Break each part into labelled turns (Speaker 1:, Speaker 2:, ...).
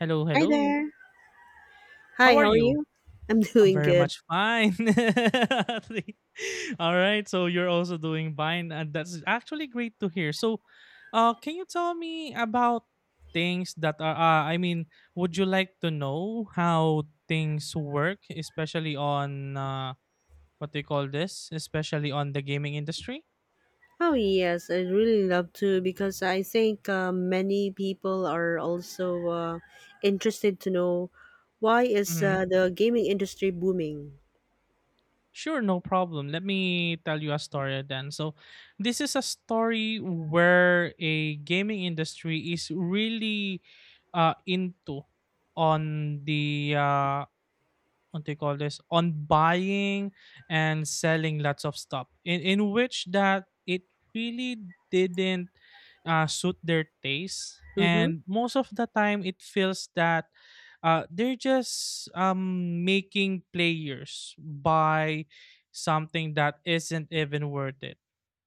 Speaker 1: Hello,
Speaker 2: Hi
Speaker 1: hello.
Speaker 2: there. Hi,
Speaker 1: How are
Speaker 2: how are
Speaker 1: you?
Speaker 2: you? I'm
Speaker 1: I'm
Speaker 2: doing
Speaker 1: very
Speaker 2: good.
Speaker 1: much fine. All right. So you're also doing fine, and that's actually great to hear. So, can you tell me about things that are? I mean, would you like to know how things work, especially on what do you call this? Especially on the gaming industry.
Speaker 2: Oh, yes, I'd really love to because I think many people are also interested to know why is
Speaker 1: Mm-hmm.
Speaker 2: the gaming industry booming?
Speaker 1: Sure, no problem. Let me tell you a story then. So, this is a story where a gaming industry is really into on the what they call this on buying and selling lots of stuff in which that it really didn't suit their taste,
Speaker 2: Mm-hmm,
Speaker 1: and most of the time it feels that they're just making players buy something that isn't even worth it.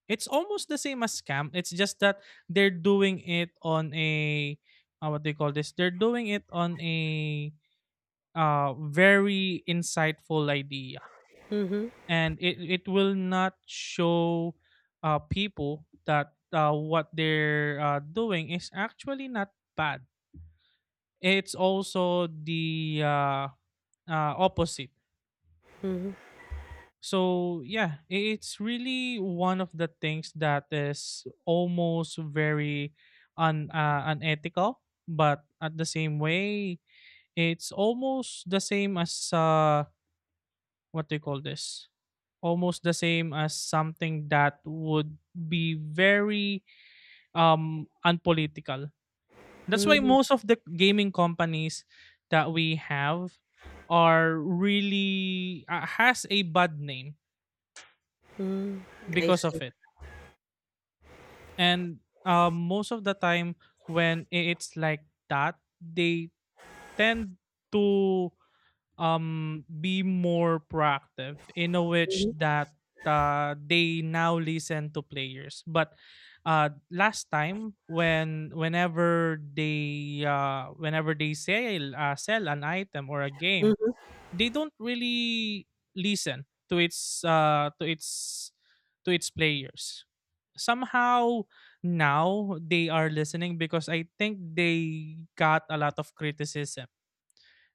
Speaker 1: It's almost the same as scam. It's just that they're doing it on a what they call this, they're doing it on a very insightful idea,
Speaker 2: mm-hmm,
Speaker 1: and it will not show people that what they're doing is actually not bad. It's also the opposite.
Speaker 2: mm-hmm,
Speaker 1: So yeah, it's really one of the things that is almost very un unethical, but at the same way, it's almost the same as what do you call this? Almost the same as something that would be very unpolitical. That's why
Speaker 2: mm-hmm,
Speaker 1: most of the gaming companies that we have are really has a bad name
Speaker 2: mm-hmm. I
Speaker 1: because
Speaker 2: see.
Speaker 1: of it. And most of the time when it's like that, they tend to be more proactive in a which
Speaker 2: Mm-hmm,
Speaker 1: that they now listen to players, but last time when whenever they sell an item or a game, they don't really listen to its to its players somehow. Now they are listening because I think they got a lot of criticism,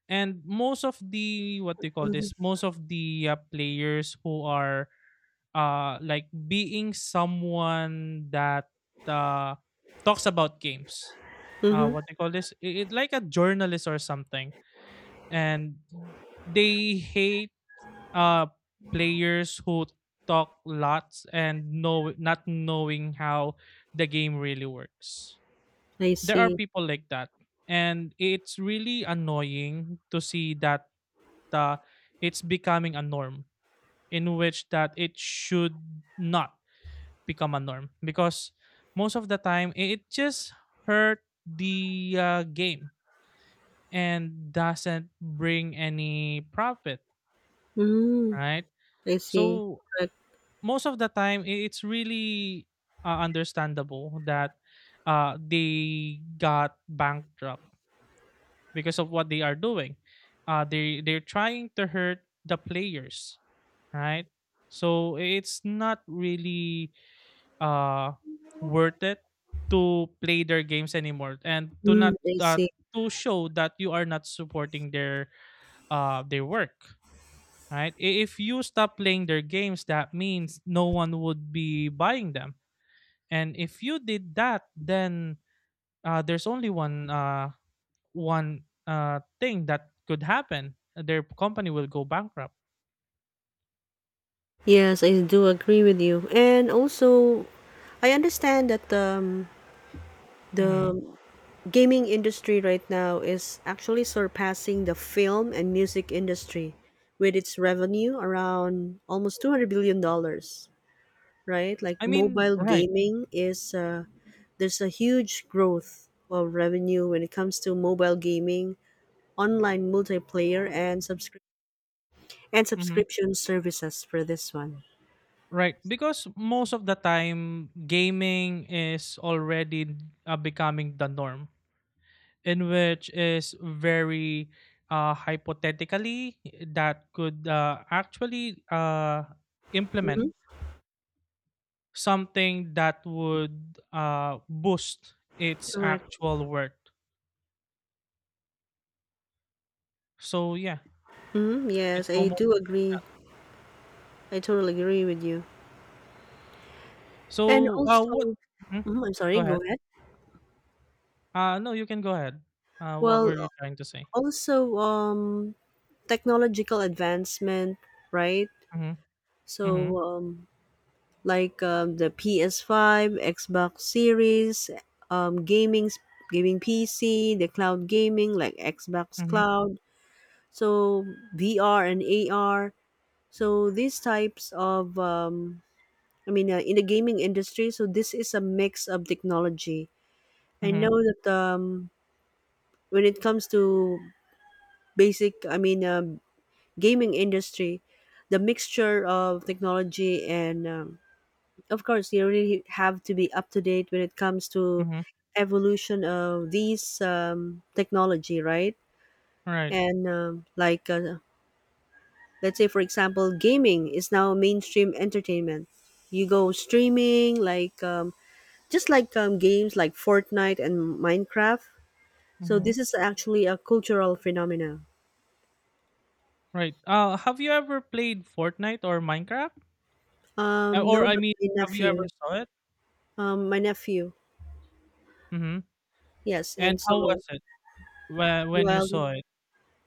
Speaker 1: and most of the what they
Speaker 2: mm-hmm,
Speaker 1: call
Speaker 2: mm-hmm.
Speaker 1: this most of the players who are like being someone that uh talks about games,
Speaker 2: Mm-hmm.
Speaker 1: what they call this, it like a journalist or something, and they hate uh players who talk lots and know not knowing how the game really works.
Speaker 2: I
Speaker 1: There are
Speaker 2: see.
Speaker 1: people like that, and it's really annoying to see that uh, it's becoming a norm in which that it should not become a norm because most of the time it just hurt the game and doesn't bring any profit,
Speaker 2: Mm,
Speaker 1: right?
Speaker 2: I see.
Speaker 1: So
Speaker 2: Correct.
Speaker 1: most of the time it's really understandable that they got bankrupt because of what they are doing. They're trying to hurt the players, right? So it's not really uh worth it to play their games anymore, and to
Speaker 2: Mm,
Speaker 1: not
Speaker 2: I see.
Speaker 1: to show that you are not supporting their work, right? I- If you stop playing their games, that means no one would be buying them. And if you did that, then there's only one thing that could happen. Their company will go bankrupt.
Speaker 2: Yes, I do agree with you. And also, I understand that
Speaker 1: Hmm.
Speaker 2: the gaming industry right now is actually surpassing the film and music industry with its revenue around almost $200 billion, right? Like
Speaker 1: I mean,
Speaker 2: mobile
Speaker 1: right.
Speaker 2: gaming is there's a huge growth of revenue when it comes to mobile gaming, online multiplayer, and subscription and
Speaker 1: Mm-hmm.
Speaker 2: subscription services for this one.
Speaker 1: Right, because most of the time gaming is already becoming the norm, in which is very hypothetically that could actually implement
Speaker 2: Mm-hmm.
Speaker 1: something that would boost its
Speaker 2: Correct.
Speaker 1: actual worth. So yeah,
Speaker 2: Hmm.
Speaker 1: it's
Speaker 2: Yes, I
Speaker 1: almost
Speaker 2: do agree. I totally agree with you. And
Speaker 1: so.
Speaker 2: also,
Speaker 1: What? Mhm.
Speaker 2: mhm, I'm
Speaker 1: Go
Speaker 2: sorry, go
Speaker 1: ahead.
Speaker 2: ahead.
Speaker 1: No, you can go ahead. What
Speaker 2: Well,
Speaker 1: were you trying to say?
Speaker 2: also, technological advancement, right?
Speaker 1: Mm-hmm. Mm-hmm.
Speaker 2: So, like the PS5, Xbox Series, um, gaming, gaming PC, the cloud gaming like Xbox
Speaker 1: Mm-hmm.
Speaker 2: Cloud. So VR and AR. So these types of, I mean, in the gaming industry. So this is a mix of technology. I
Speaker 1: Mm-hmm.
Speaker 2: know that when it comes to basic, I mean. Gaming industry, the mixture of technology, and of course you really have to be up to date when it comes to
Speaker 1: Mm-hmm.
Speaker 2: evolution of these technology, right?
Speaker 1: Right.
Speaker 2: And like let's say for example, gaming is now mainstream entertainment. You go streaming like just like games like Fortnite and Minecraft. So this
Speaker 1: Hmm.
Speaker 2: is actually a cultural phenomena.
Speaker 1: Right. Have you ever played Fortnite or Minecraft? Or
Speaker 2: No,
Speaker 1: I
Speaker 2: but
Speaker 1: mean,
Speaker 2: my
Speaker 1: have you ever
Speaker 2: nephew.
Speaker 1: saw it?
Speaker 2: My nephew.
Speaker 1: Mm-hmm.
Speaker 2: Yes,
Speaker 1: And
Speaker 2: and
Speaker 1: how
Speaker 2: so,
Speaker 1: was it when you
Speaker 2: Well,
Speaker 1: saw it?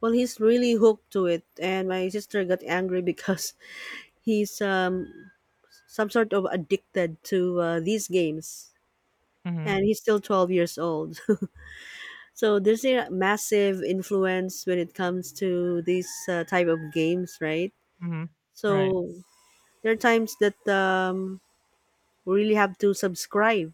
Speaker 2: well, he's really hooked to it, and my sister got angry because he's some sort of addicted to these games,
Speaker 1: Mm-hmm.
Speaker 2: and he's still 12 years old. So there's a massive influence when it comes to these type of games, right?
Speaker 1: Mm-hmm. Right.
Speaker 2: So there are times that we really have to subscribe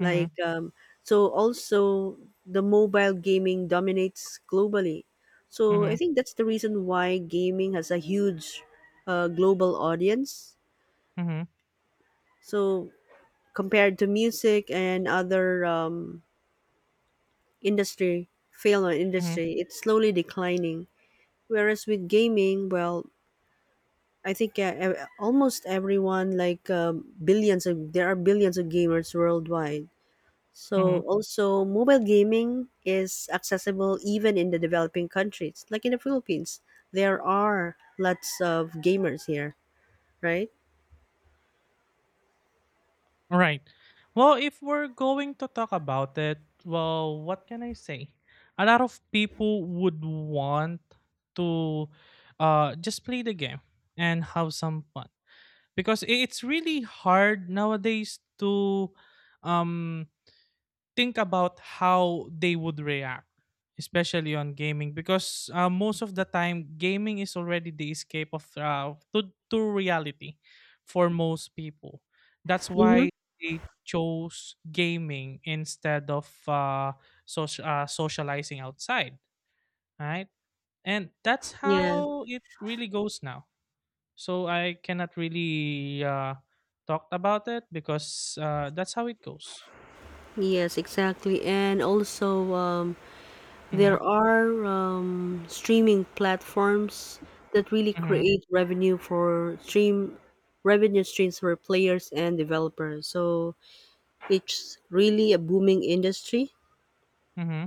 Speaker 1: Mm-hmm.
Speaker 2: so also the mobile gaming dominates globally. So I
Speaker 1: Mm-hmm.
Speaker 2: think that's the reason why gaming has a huge global audience.
Speaker 1: Mm-hmm.
Speaker 2: So compared to music and other industry, film or
Speaker 1: Mm-hmm.
Speaker 2: industry, it's slowly declining. Whereas with gaming, well, I think almost everyone, like there are billions of gamers worldwide.
Speaker 1: Mm-hmm.
Speaker 2: So also mobile gaming is accessible even in the developing countries. Like in the Philippines, there are lots of gamers here, right?
Speaker 1: Right. Well, if we're going to talk about it, well, what can I say? A lot of people would want to just play the game and have some fun because it's really hard nowadays to um think about how they would react, especially on gaming, because most of the time, gaming is already the escape of to reality for most people. That's
Speaker 2: Mm-hmm.
Speaker 1: why they chose gaming instead of social, socializing outside, right? And that's
Speaker 2: Yeah.
Speaker 1: how it really goes now. So I cannot really talk about it because that's how it goes.
Speaker 2: Yes, exactly. And also,
Speaker 1: Mm-hmm,
Speaker 2: there are streaming platforms that really
Speaker 1: mm-hmm,
Speaker 2: create revenue for stream revenue streams for players and developers. So it's really a booming industry.
Speaker 1: mm-hmm.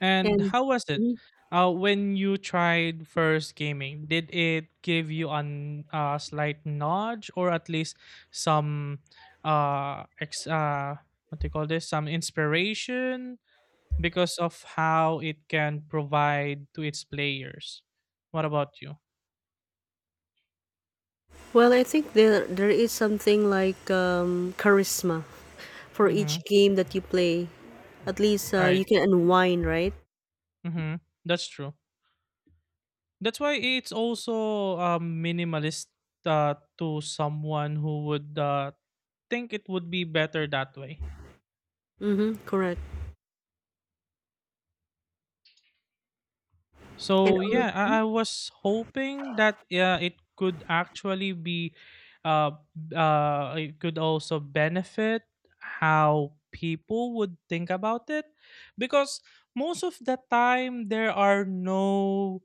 Speaker 1: And
Speaker 2: And
Speaker 1: how was it?
Speaker 2: mhm.
Speaker 1: When you tried first gaming, did it give you an slight nudge or at least some uh, ex- uh, what do you call this? Some inspiration because of how it can provide to its players. What about you?
Speaker 2: Well, I think there is something like charisma for
Speaker 1: Mm-hmm.
Speaker 2: each game that you play. At least you
Speaker 1: Right.
Speaker 2: can unwind, right?
Speaker 1: Mm-hmm. That's true. That's why it's also minimalist to someone who would think it would be better that way.
Speaker 2: Mm-hmm. Correct. And
Speaker 1: So yeah,
Speaker 2: also,
Speaker 1: I was hoping that it could actually be, uh, it could also benefit how people would think about it, because most of the time there are no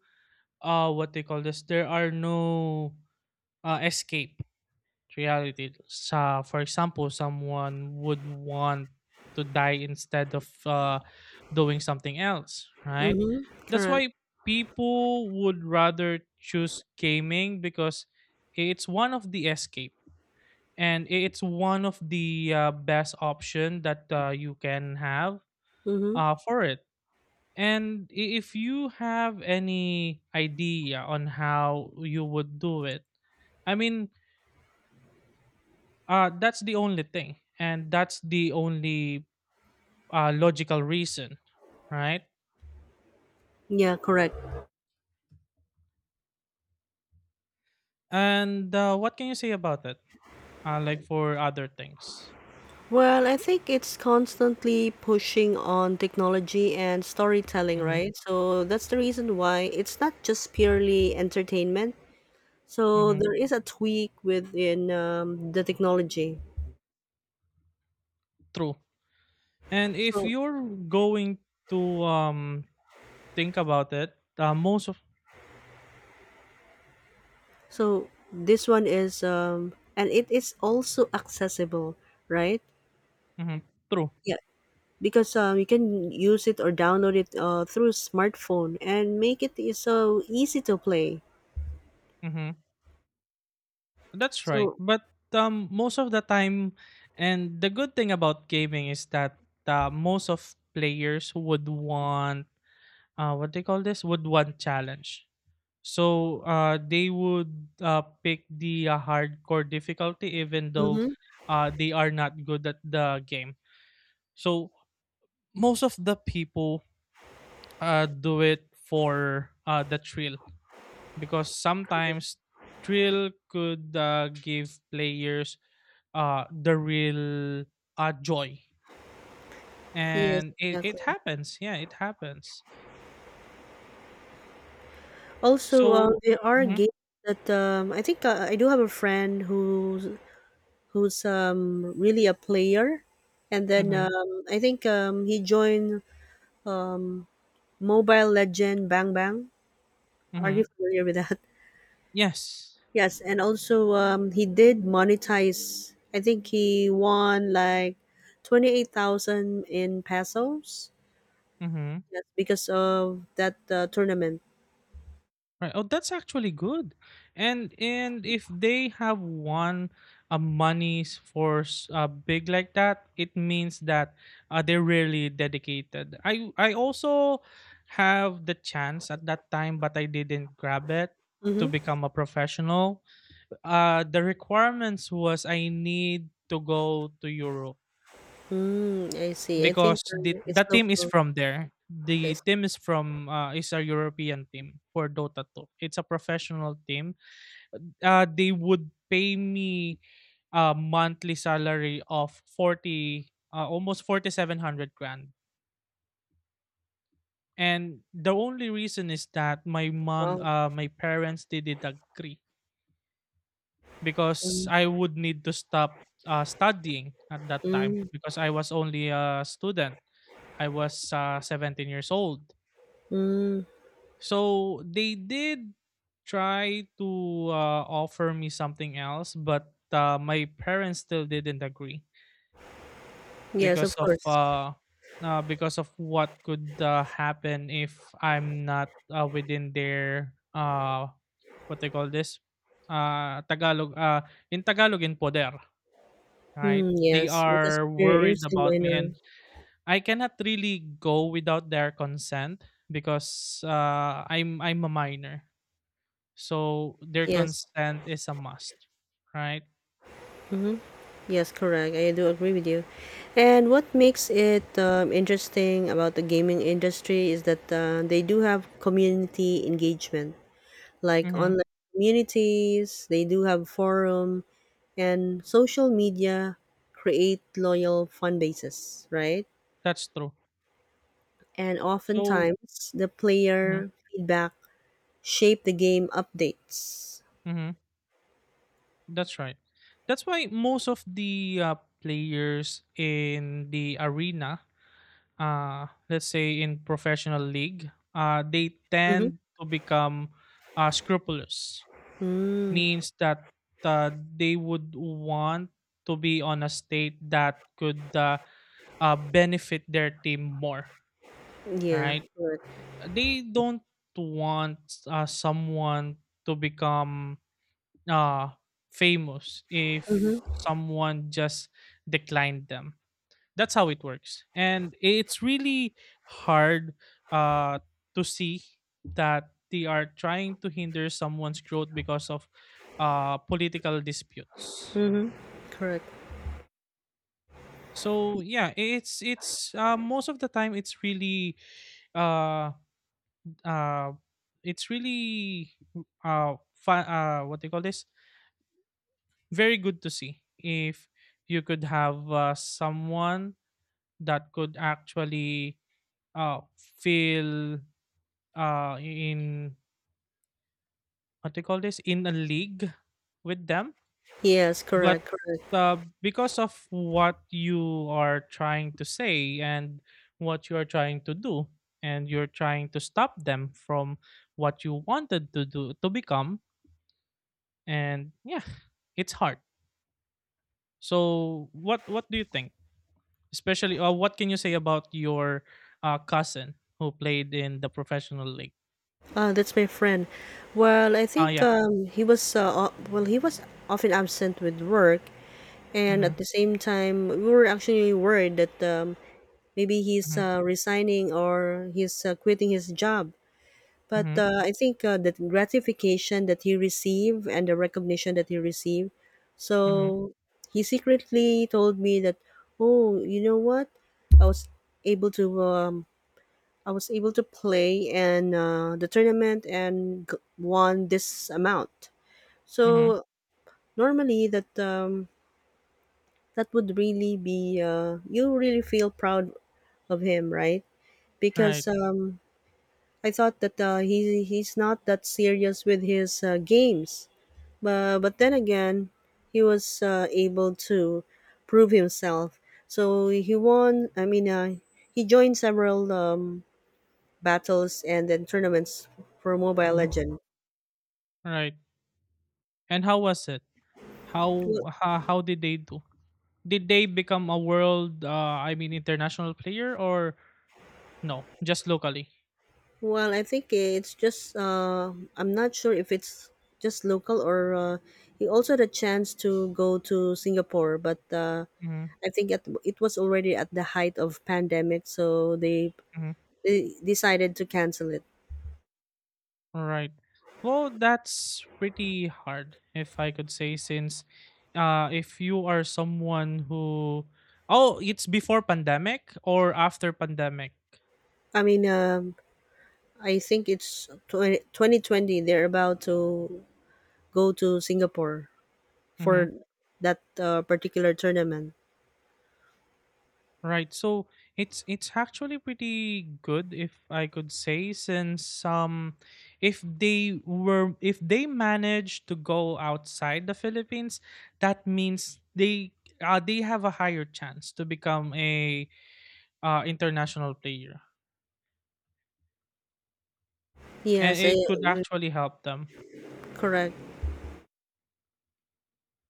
Speaker 1: what they call this there are no escape reality. So, for example, someone would want to die instead of doing something else, right?
Speaker 2: mm-hmm.
Speaker 1: That's
Speaker 2: Correct.
Speaker 1: why people would rather choose gaming because it's one of the escape, and it's one of the best option that you can have
Speaker 2: Mm-hmm.
Speaker 1: for it. And if you have any idea on how you would do it, I mean, that's the only thing, and that's the only logical reason, right?
Speaker 2: Yeah, correct.
Speaker 1: And what can you say about it? Like for other things.
Speaker 2: Well, I think it's constantly pushing on technology and storytelling,
Speaker 1: Mm-hmm.
Speaker 2: right? So that's the reason why it's not just purely entertainment. So
Speaker 1: Mm-hmm.
Speaker 2: there is a tweak within the technology.
Speaker 1: True. And if
Speaker 2: So
Speaker 1: you're going to think about it, most of
Speaker 2: So this one is and it is also accessible, right?
Speaker 1: mhm, true.
Speaker 2: Yeah, because you can use it or download it through smartphone and make it is so easy to play.
Speaker 1: Mm-hmm. That's right.
Speaker 2: So
Speaker 1: But most of the time, and the good thing about gaming is that most of players would want what they call this would want challenge. So they would pick the hardcore difficulty even though
Speaker 2: mm-hmm.
Speaker 1: they are not good at the game. So most of the people do it for the thrill, because sometimes thrill could give players the real joy.
Speaker 2: Yes,
Speaker 1: And
Speaker 2: exactly.
Speaker 1: it happens. Yeah, it happens.
Speaker 2: Also,
Speaker 1: So,
Speaker 2: there are
Speaker 1: hmm
Speaker 2: games that I think I do have a friend who's really a player, and then
Speaker 1: hmm
Speaker 2: I think he joined um Mobile Legend Bang Bang. Are you
Speaker 1: hmm
Speaker 2: familiar with that?
Speaker 1: yes.
Speaker 2: Yes, and also, he did monetize. I think he won like 28,000 in pesos.
Speaker 1: Hmm.
Speaker 2: Yes, because of that tournament.
Speaker 1: Right. Oh, that's actually good. And if they have won monies for big like that, it means that they're really dedicated. I also have the chance at that time, but I didn't grab it to
Speaker 2: Mm-hmm.
Speaker 1: become a professional. The requirements was I need to go to Europe
Speaker 2: Mm, I see. I think
Speaker 1: because the
Speaker 2: it's
Speaker 1: the team is
Speaker 2: local.
Speaker 1: from there. The
Speaker 2: It's
Speaker 1: team is from is a European team for Dota 2. It's a professional team. They would pay me a monthly salary of 40 almost 4700 grand, and the only reason is that
Speaker 2: wow.
Speaker 1: my parents didn't agree because
Speaker 2: Mm,
Speaker 1: I would need to stop studying at that time,
Speaker 2: mm,
Speaker 1: because I was only a student. I was 17 years old.
Speaker 2: mm.
Speaker 1: So they did try to offer me something else, but my parents still didn't agree
Speaker 2: Yes,
Speaker 1: because
Speaker 2: of
Speaker 1: of
Speaker 2: course.
Speaker 1: uh, because of what could happen if I'm not within their what they call this Tagalog in Tagalog in poder. Right,
Speaker 2: Mm,
Speaker 1: they
Speaker 2: yes, because
Speaker 1: are
Speaker 2: you're
Speaker 1: worried
Speaker 2: still
Speaker 1: about me,
Speaker 2: minor.
Speaker 1: and I cannot really go without their consent because I'm a minor, so their
Speaker 2: Yes.
Speaker 1: consent is a must, right?
Speaker 2: Mhm. Yes, correct. I do agree with you. And what makes it interesting about the gaming industry is that they do have community engagement, like
Speaker 1: Hmm.
Speaker 2: online communities, they do have forum, and social media create loyal fan bases, right?
Speaker 1: That's true.
Speaker 2: And
Speaker 1: So
Speaker 2: oftentimes, the
Speaker 1: mhm,
Speaker 2: player feedback shape the game updates.
Speaker 1: mhm. That's right. That's why most of the players in the arena, let's say in professional league, they
Speaker 2: Mm-hmm.
Speaker 1: tend to become scrupulous.
Speaker 2: Mm,
Speaker 1: Means that they would want to be on a state that could benefit their team more,
Speaker 2: yeah,
Speaker 1: right?
Speaker 2: correct.
Speaker 1: They don't want someone to become uh, famous if
Speaker 2: Mm-hmm.
Speaker 1: someone just declined them. That's how it works. And it's really hard uh, to see that they are trying to hinder someone's growth because of political disputes.
Speaker 2: Mm-hmm. Correct.
Speaker 1: So yeah, it's most of the time uh, uh, it's really what do you call this very good to see if you could have someone that could actually feel in what do you call this in a league with them,
Speaker 2: Yes, correct.
Speaker 1: but uh, because of what you are trying to say and what you are trying to do, and you're trying to stop them from what you wanted to do to become. And yeah, it's hard. So what do you think? Especially, what can you say about your cousin who played in the professional league?
Speaker 2: That's my friend. Well, I
Speaker 1: Ah,
Speaker 2: think
Speaker 1: yeah.
Speaker 2: he was often absent with work, and
Speaker 1: Mm-hmm.
Speaker 2: at the same time, we were actually worried that maybe he's
Speaker 1: Mm-hmm.
Speaker 2: resigning or he's quitting his job. But
Speaker 1: Mm-hmm.
Speaker 2: I think the gratification that he received and the recognition that he received. So
Speaker 1: Mm-hmm.
Speaker 2: he secretly told me that, oh, you know what? I was able to I was able to play in the tournament and won this amount.
Speaker 1: Mm-hmm.
Speaker 2: So normally that would really be you really feel proud of him, right?
Speaker 1: Right.
Speaker 2: Because I thought that he's not that serious with his games, but then again, he was able to prove himself. So he won. I mean, he joined several battles and then tournaments for Mobile
Speaker 1: Mm-hmm.
Speaker 2: Legend.
Speaker 1: Right. And how was it? How did they do? Did they become a world? I mean, international player or no? Just locally.
Speaker 2: Well, I think it's just I'm not sure if it's just local or he also had a chance to go to Singapore, but
Speaker 1: Mm-hmm.
Speaker 2: I think it was already at the height of pandemic, so
Speaker 1: Mm-hmm.
Speaker 2: they decided to cancel it.
Speaker 1: All right. Well, that's pretty hard, if I could say, since if you are someone who, oh, it's before pandemic or after pandemic.
Speaker 2: I mean, I think it's 2020. They're about to go to Singapore
Speaker 1: Mm-hmm.
Speaker 2: for that particular tournament.
Speaker 1: Right. So it's actually pretty good, if I could say, since if they managed to go outside the Philippines. That means they have a higher chance to become a international player, and
Speaker 2: Yes,
Speaker 1: it could actually help them.
Speaker 2: correct.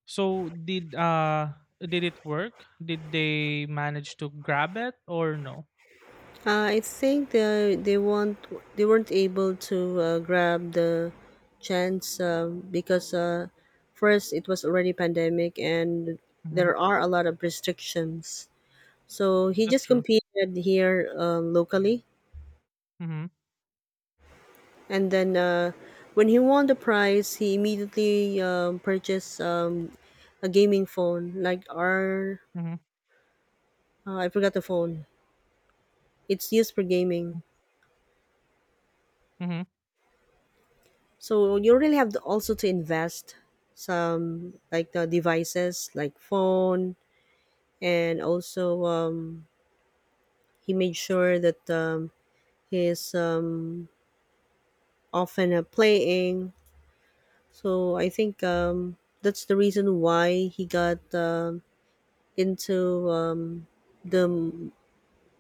Speaker 1: So did did it work? Did they manage to grab it or no?
Speaker 2: I think they weren't able to grab the chance because first it was already pandemic and
Speaker 1: hmm
Speaker 2: there are a lot of restrictions. So he
Speaker 1: That's
Speaker 2: just
Speaker 1: true.
Speaker 2: competed here locally,
Speaker 1: hmm
Speaker 2: and then when he won the prize, he immediately purchased a gaming phone like our
Speaker 1: hmm
Speaker 2: I forgot the phone. It's used for gaming.
Speaker 1: hmm
Speaker 2: So you really have to also to invest some like the devices like phone, and also he made sure that he's often playing. So I think that's the reason why he got into the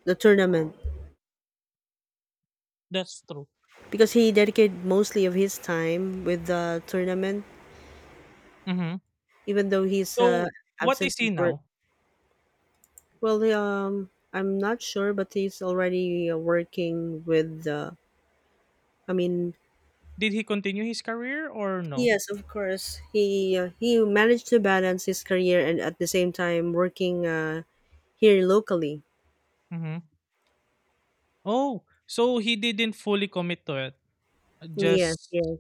Speaker 2: the tournament
Speaker 1: That's true.
Speaker 2: because he dedicated mostly of his time with the tournament,
Speaker 1: hmm
Speaker 2: even though he's
Speaker 1: So what
Speaker 2: absent
Speaker 1: is he
Speaker 2: with work.
Speaker 1: now?
Speaker 2: Well, I'm not sure, but he's already working with the. I mean,
Speaker 1: Did he continue his career or no?
Speaker 2: yes, of course. He managed to balance his career and at the same time working here locally.
Speaker 1: hmm Oh, so he didn't fully commit to it.
Speaker 2: Yes,
Speaker 1: Just
Speaker 2: yes.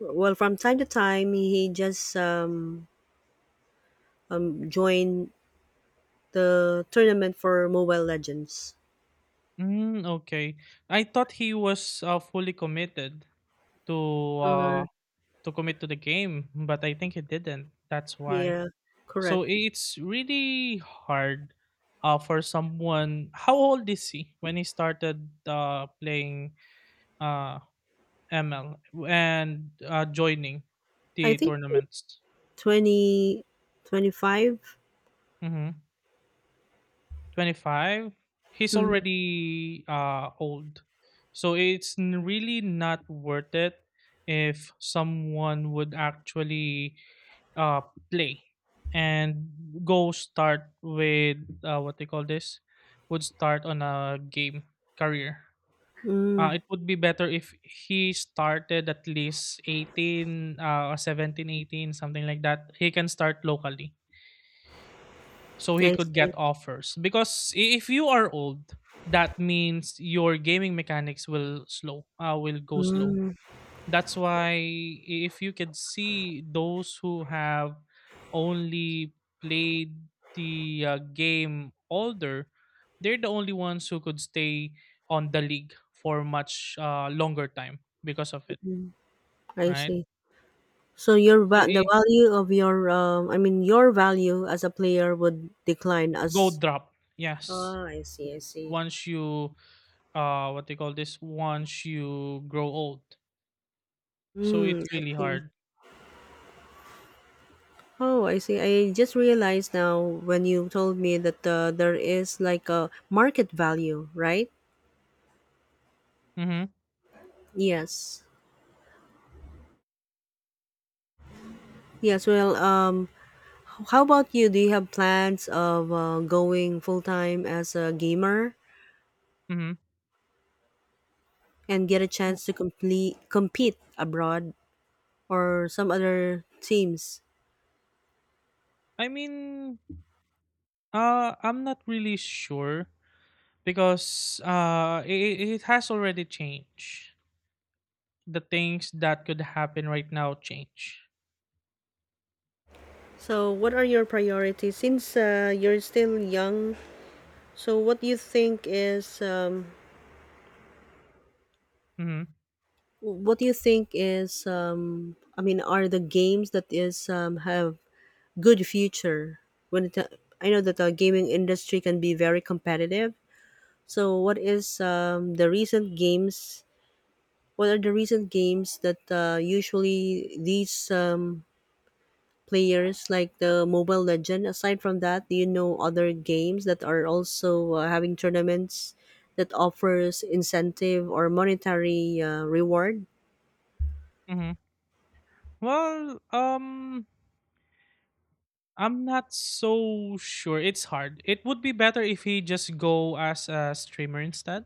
Speaker 2: Well, from time to time, he just joined the tournament for Mobile Legends.
Speaker 1: mm, okay. I thought he was fully committed to
Speaker 2: Uh,
Speaker 1: commit to the game, but I think he didn't. That's why.
Speaker 2: yeah,
Speaker 1: So
Speaker 2: correct.
Speaker 1: it's really hard for someone. How old is he when he started playing uh, ML and joining
Speaker 2: I
Speaker 1: the
Speaker 2: think
Speaker 1: tournaments?
Speaker 2: 20, 25.
Speaker 1: Mm-hmm. 25. He's
Speaker 2: Mm,
Speaker 1: already old. So it's really not worth it if someone would actually uh, play and go start with what they call this, would start on a game career.
Speaker 2: mm,
Speaker 1: It would be better if he started at least 18, or 17, 18, something like that. He can start locally so he
Speaker 2: I
Speaker 1: could
Speaker 2: see.
Speaker 1: get offers, because if you are old, that means your gaming mechanics will slow, will go slow.
Speaker 2: Mm,
Speaker 1: That's why, if you can see, those who have only played the game older, they're the only ones who could stay on the league for much longer time because of it.
Speaker 2: I
Speaker 1: Right,
Speaker 2: see. So your
Speaker 1: so
Speaker 2: the
Speaker 1: it
Speaker 2: value of your I mean your value as a player would decline
Speaker 1: go
Speaker 2: as,
Speaker 1: drop, yes.
Speaker 2: oh, I see, I see.
Speaker 1: Once you what they call this, once you grow old, so
Speaker 2: Hmm,
Speaker 1: it's
Speaker 2: I
Speaker 1: really
Speaker 2: see.
Speaker 1: hard.
Speaker 2: Oh, I see. I just realized now when you told me that there is like a market value, right?
Speaker 1: Mm-hmm.
Speaker 2: Yes. Yes. Well, how about you? Do you have plans of going full time as a gamer
Speaker 1: Mm-hmm.
Speaker 2: and get a chance to complete compete abroad or some other teams?
Speaker 1: I mean, I'm not really sure, because it has already changed. The things that could happen right now change.
Speaker 2: So, what are your priorities since you're still young? So,
Speaker 1: hmm
Speaker 2: what do you think is, I mean, are the games that is, have good future? When it, I know that the gaming industry can be very competitive. So, what is the recent games? What are the recent games that usually these players like the Mobile Legend. Aside from that, do you know other games that are also having tournaments that offers incentive or monetary reward?
Speaker 1: hmm well, I'm not so sure. It's hard. It would be better if he just go as a streamer instead.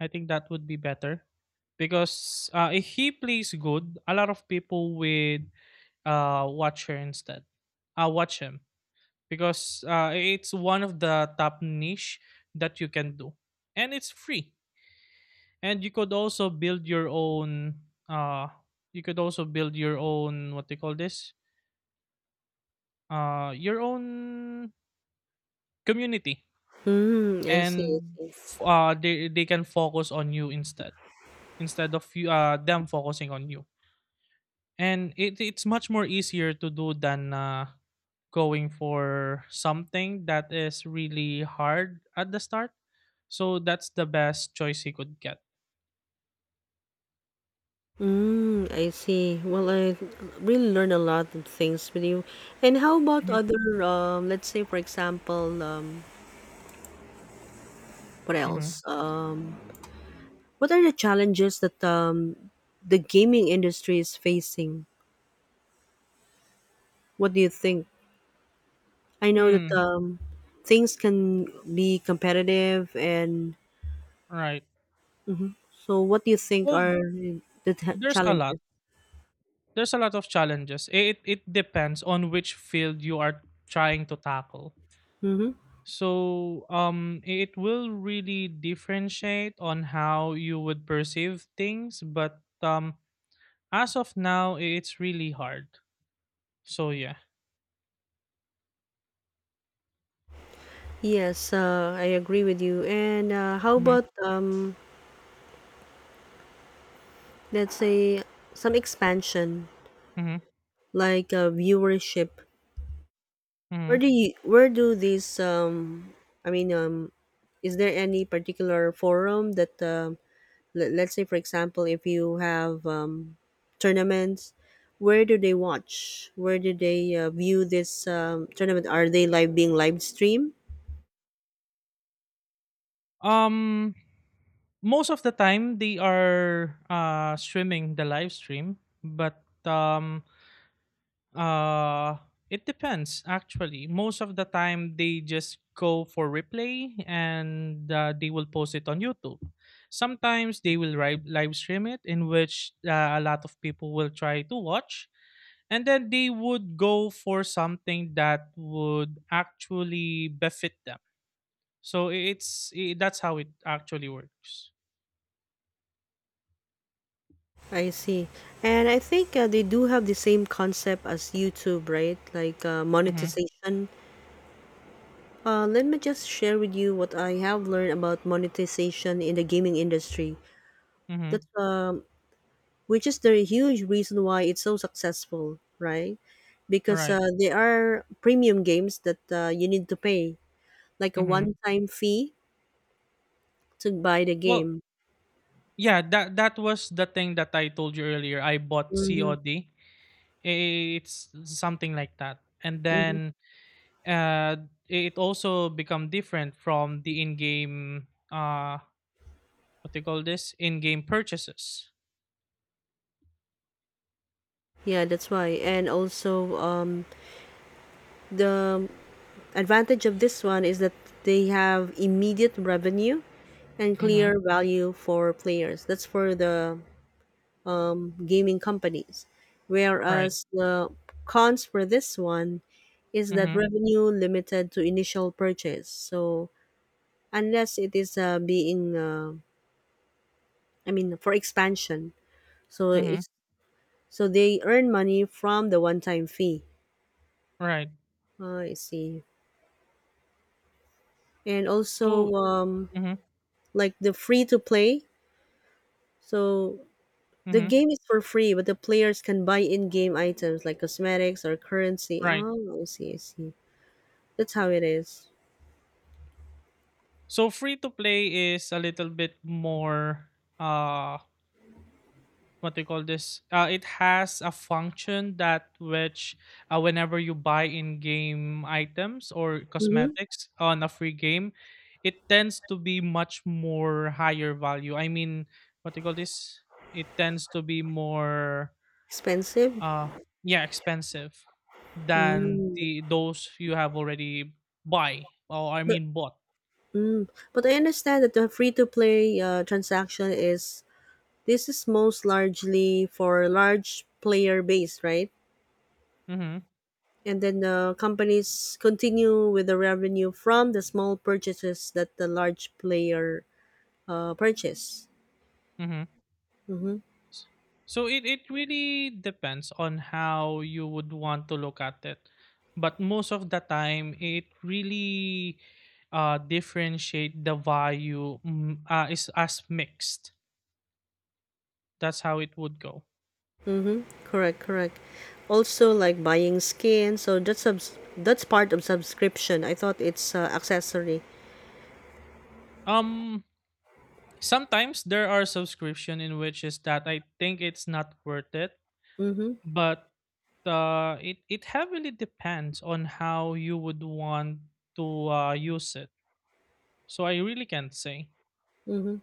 Speaker 1: I think that would be better, because if he plays good, a lot of people would watch her instead watch him, because it's one of the top niche that you can do, and it's free. And you could also build your own what they call this? Your own community.
Speaker 2: Mm, I see.
Speaker 1: And
Speaker 2: I see.
Speaker 1: they can focus on you instead, instead of you them focusing on you. And it's much more easier to do than going for something that is really hard at the start. So that's the best choice he could get.
Speaker 2: Mm, I see. Well, I really learned a lot of things with you. And how about
Speaker 1: hmm
Speaker 2: other, let's say, for example, what
Speaker 1: hmm
Speaker 2: else? What are the challenges that the gaming industry is facing? What do you think? I know that
Speaker 1: Hmm.
Speaker 2: things can be competitive, and
Speaker 1: Right.
Speaker 2: so what do you think
Speaker 1: Well,
Speaker 2: are the
Speaker 1: there's a lot.
Speaker 2: challenges?
Speaker 1: There's a lot of challenges. It depends on which field you are trying to tackle.
Speaker 2: Hmm.
Speaker 1: So it will really differentiate on how you would perceive things, but as of now, it's really hard. So yeah.
Speaker 2: Yes, I agree with you. And how
Speaker 1: hmm
Speaker 2: about, let's say some expansion,
Speaker 1: hmm
Speaker 2: like viewership?
Speaker 1: hmm
Speaker 2: Where do these, I mean, is there any particular forum that, let's say for example if you have tournaments, where do they view this tournament? Are they live being live streamed?
Speaker 1: Um Most of the time they are streaming the live stream, but Uh it depends actually. Most of the time they just go for replay and, they will post it on YouTube. Sometimes they will live stream it, in which a lot of people will try to watch, and then they would go for something that would actually befit them. So I- it's I that's how it actually works.
Speaker 2: I see. And I think they do have the same concept as YouTube, right? Like
Speaker 1: Mhm.
Speaker 2: monetization. Let me just share with you what I have learned about monetization in the gaming industry that's
Speaker 1: Mhm.
Speaker 2: which is the huge reason why it's so successful, right? Because
Speaker 1: Right.
Speaker 2: there are premium games that you need to pay, like a
Speaker 1: Mhm.
Speaker 2: one-time fee to buy the
Speaker 1: Well,
Speaker 2: game.
Speaker 1: yeah, that was the thing that I told you earlier. I bought
Speaker 2: Hmm.
Speaker 1: COD. It's something like that. And
Speaker 2: Hmm.
Speaker 1: then uh, it also become different from the in-game, what do you call this? In-game purchases.
Speaker 2: Yeah, that's why. And also, the advantage of this one is that they have immediate revenue and
Speaker 1: Mm-hmm.
Speaker 2: clear value for players. That's for the gaming companies.
Speaker 1: Right.
Speaker 2: Whereas the cons for this one is that
Speaker 1: Mm-hmm.
Speaker 2: revenue limited to initial purchase. So unless it is being, I mean, for expansion. So
Speaker 1: Mm-hmm.
Speaker 2: it's they earn money from the one-time fee.
Speaker 1: Right.
Speaker 2: Ah, I see. And also,
Speaker 1: So mm-hmm.
Speaker 2: like the free to play. So the
Speaker 1: Mm-hmm.
Speaker 2: game is for free, but the players can buy in-game items like cosmetics or currency.
Speaker 1: Right.
Speaker 2: Oh, I see, I see. That's how it is.
Speaker 1: So free to play is a little bit more uh what they call this, it has a function that which, whenever you buy in game items or
Speaker 2: Mm-hmm.
Speaker 1: cosmetics on a free game, it tends to be much more higher value. I mean, what they call this, it tends to be more
Speaker 2: Expensive?
Speaker 1: uh yeah, expensive than
Speaker 2: Mm.
Speaker 1: the those you have already buy, or I
Speaker 2: But
Speaker 1: mean bought.
Speaker 2: I understand that the free-to-play transaction is this is most largely for large player base, right?
Speaker 1: Mm-hmm.
Speaker 2: And then the companies continue with the revenue from the small purchases that the large player purchase.
Speaker 1: Mm-hmm.
Speaker 2: Mm-hmm.
Speaker 1: So it really depends on how you would want to look at it. But most of the time, it really differentiate the value, mm, is as mixed. That's how it would go.
Speaker 2: Mm-hmm. Correct, correct. Also, like buying skin, so that's part of subscription. I thought it's accessory.
Speaker 1: Um, sometimes there are subscription in which is that I think it's not worth it,
Speaker 2: Mm-hmm.
Speaker 1: but it heavily depends on how you would want to use it. So I really can't say.
Speaker 2: Mm-hmm.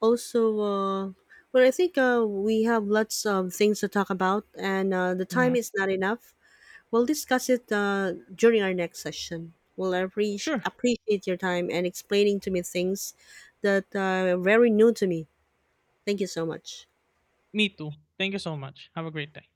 Speaker 2: Also, well, I think we have lots of things to talk about, and the time
Speaker 1: Mhm.
Speaker 2: is not enough. We'll discuss it during our next session. We'll
Speaker 1: Sure.
Speaker 2: appreciate your time and explaining to me things that are very new to me. Thank you so much.
Speaker 1: Me too. Thank you so much. Have a great day.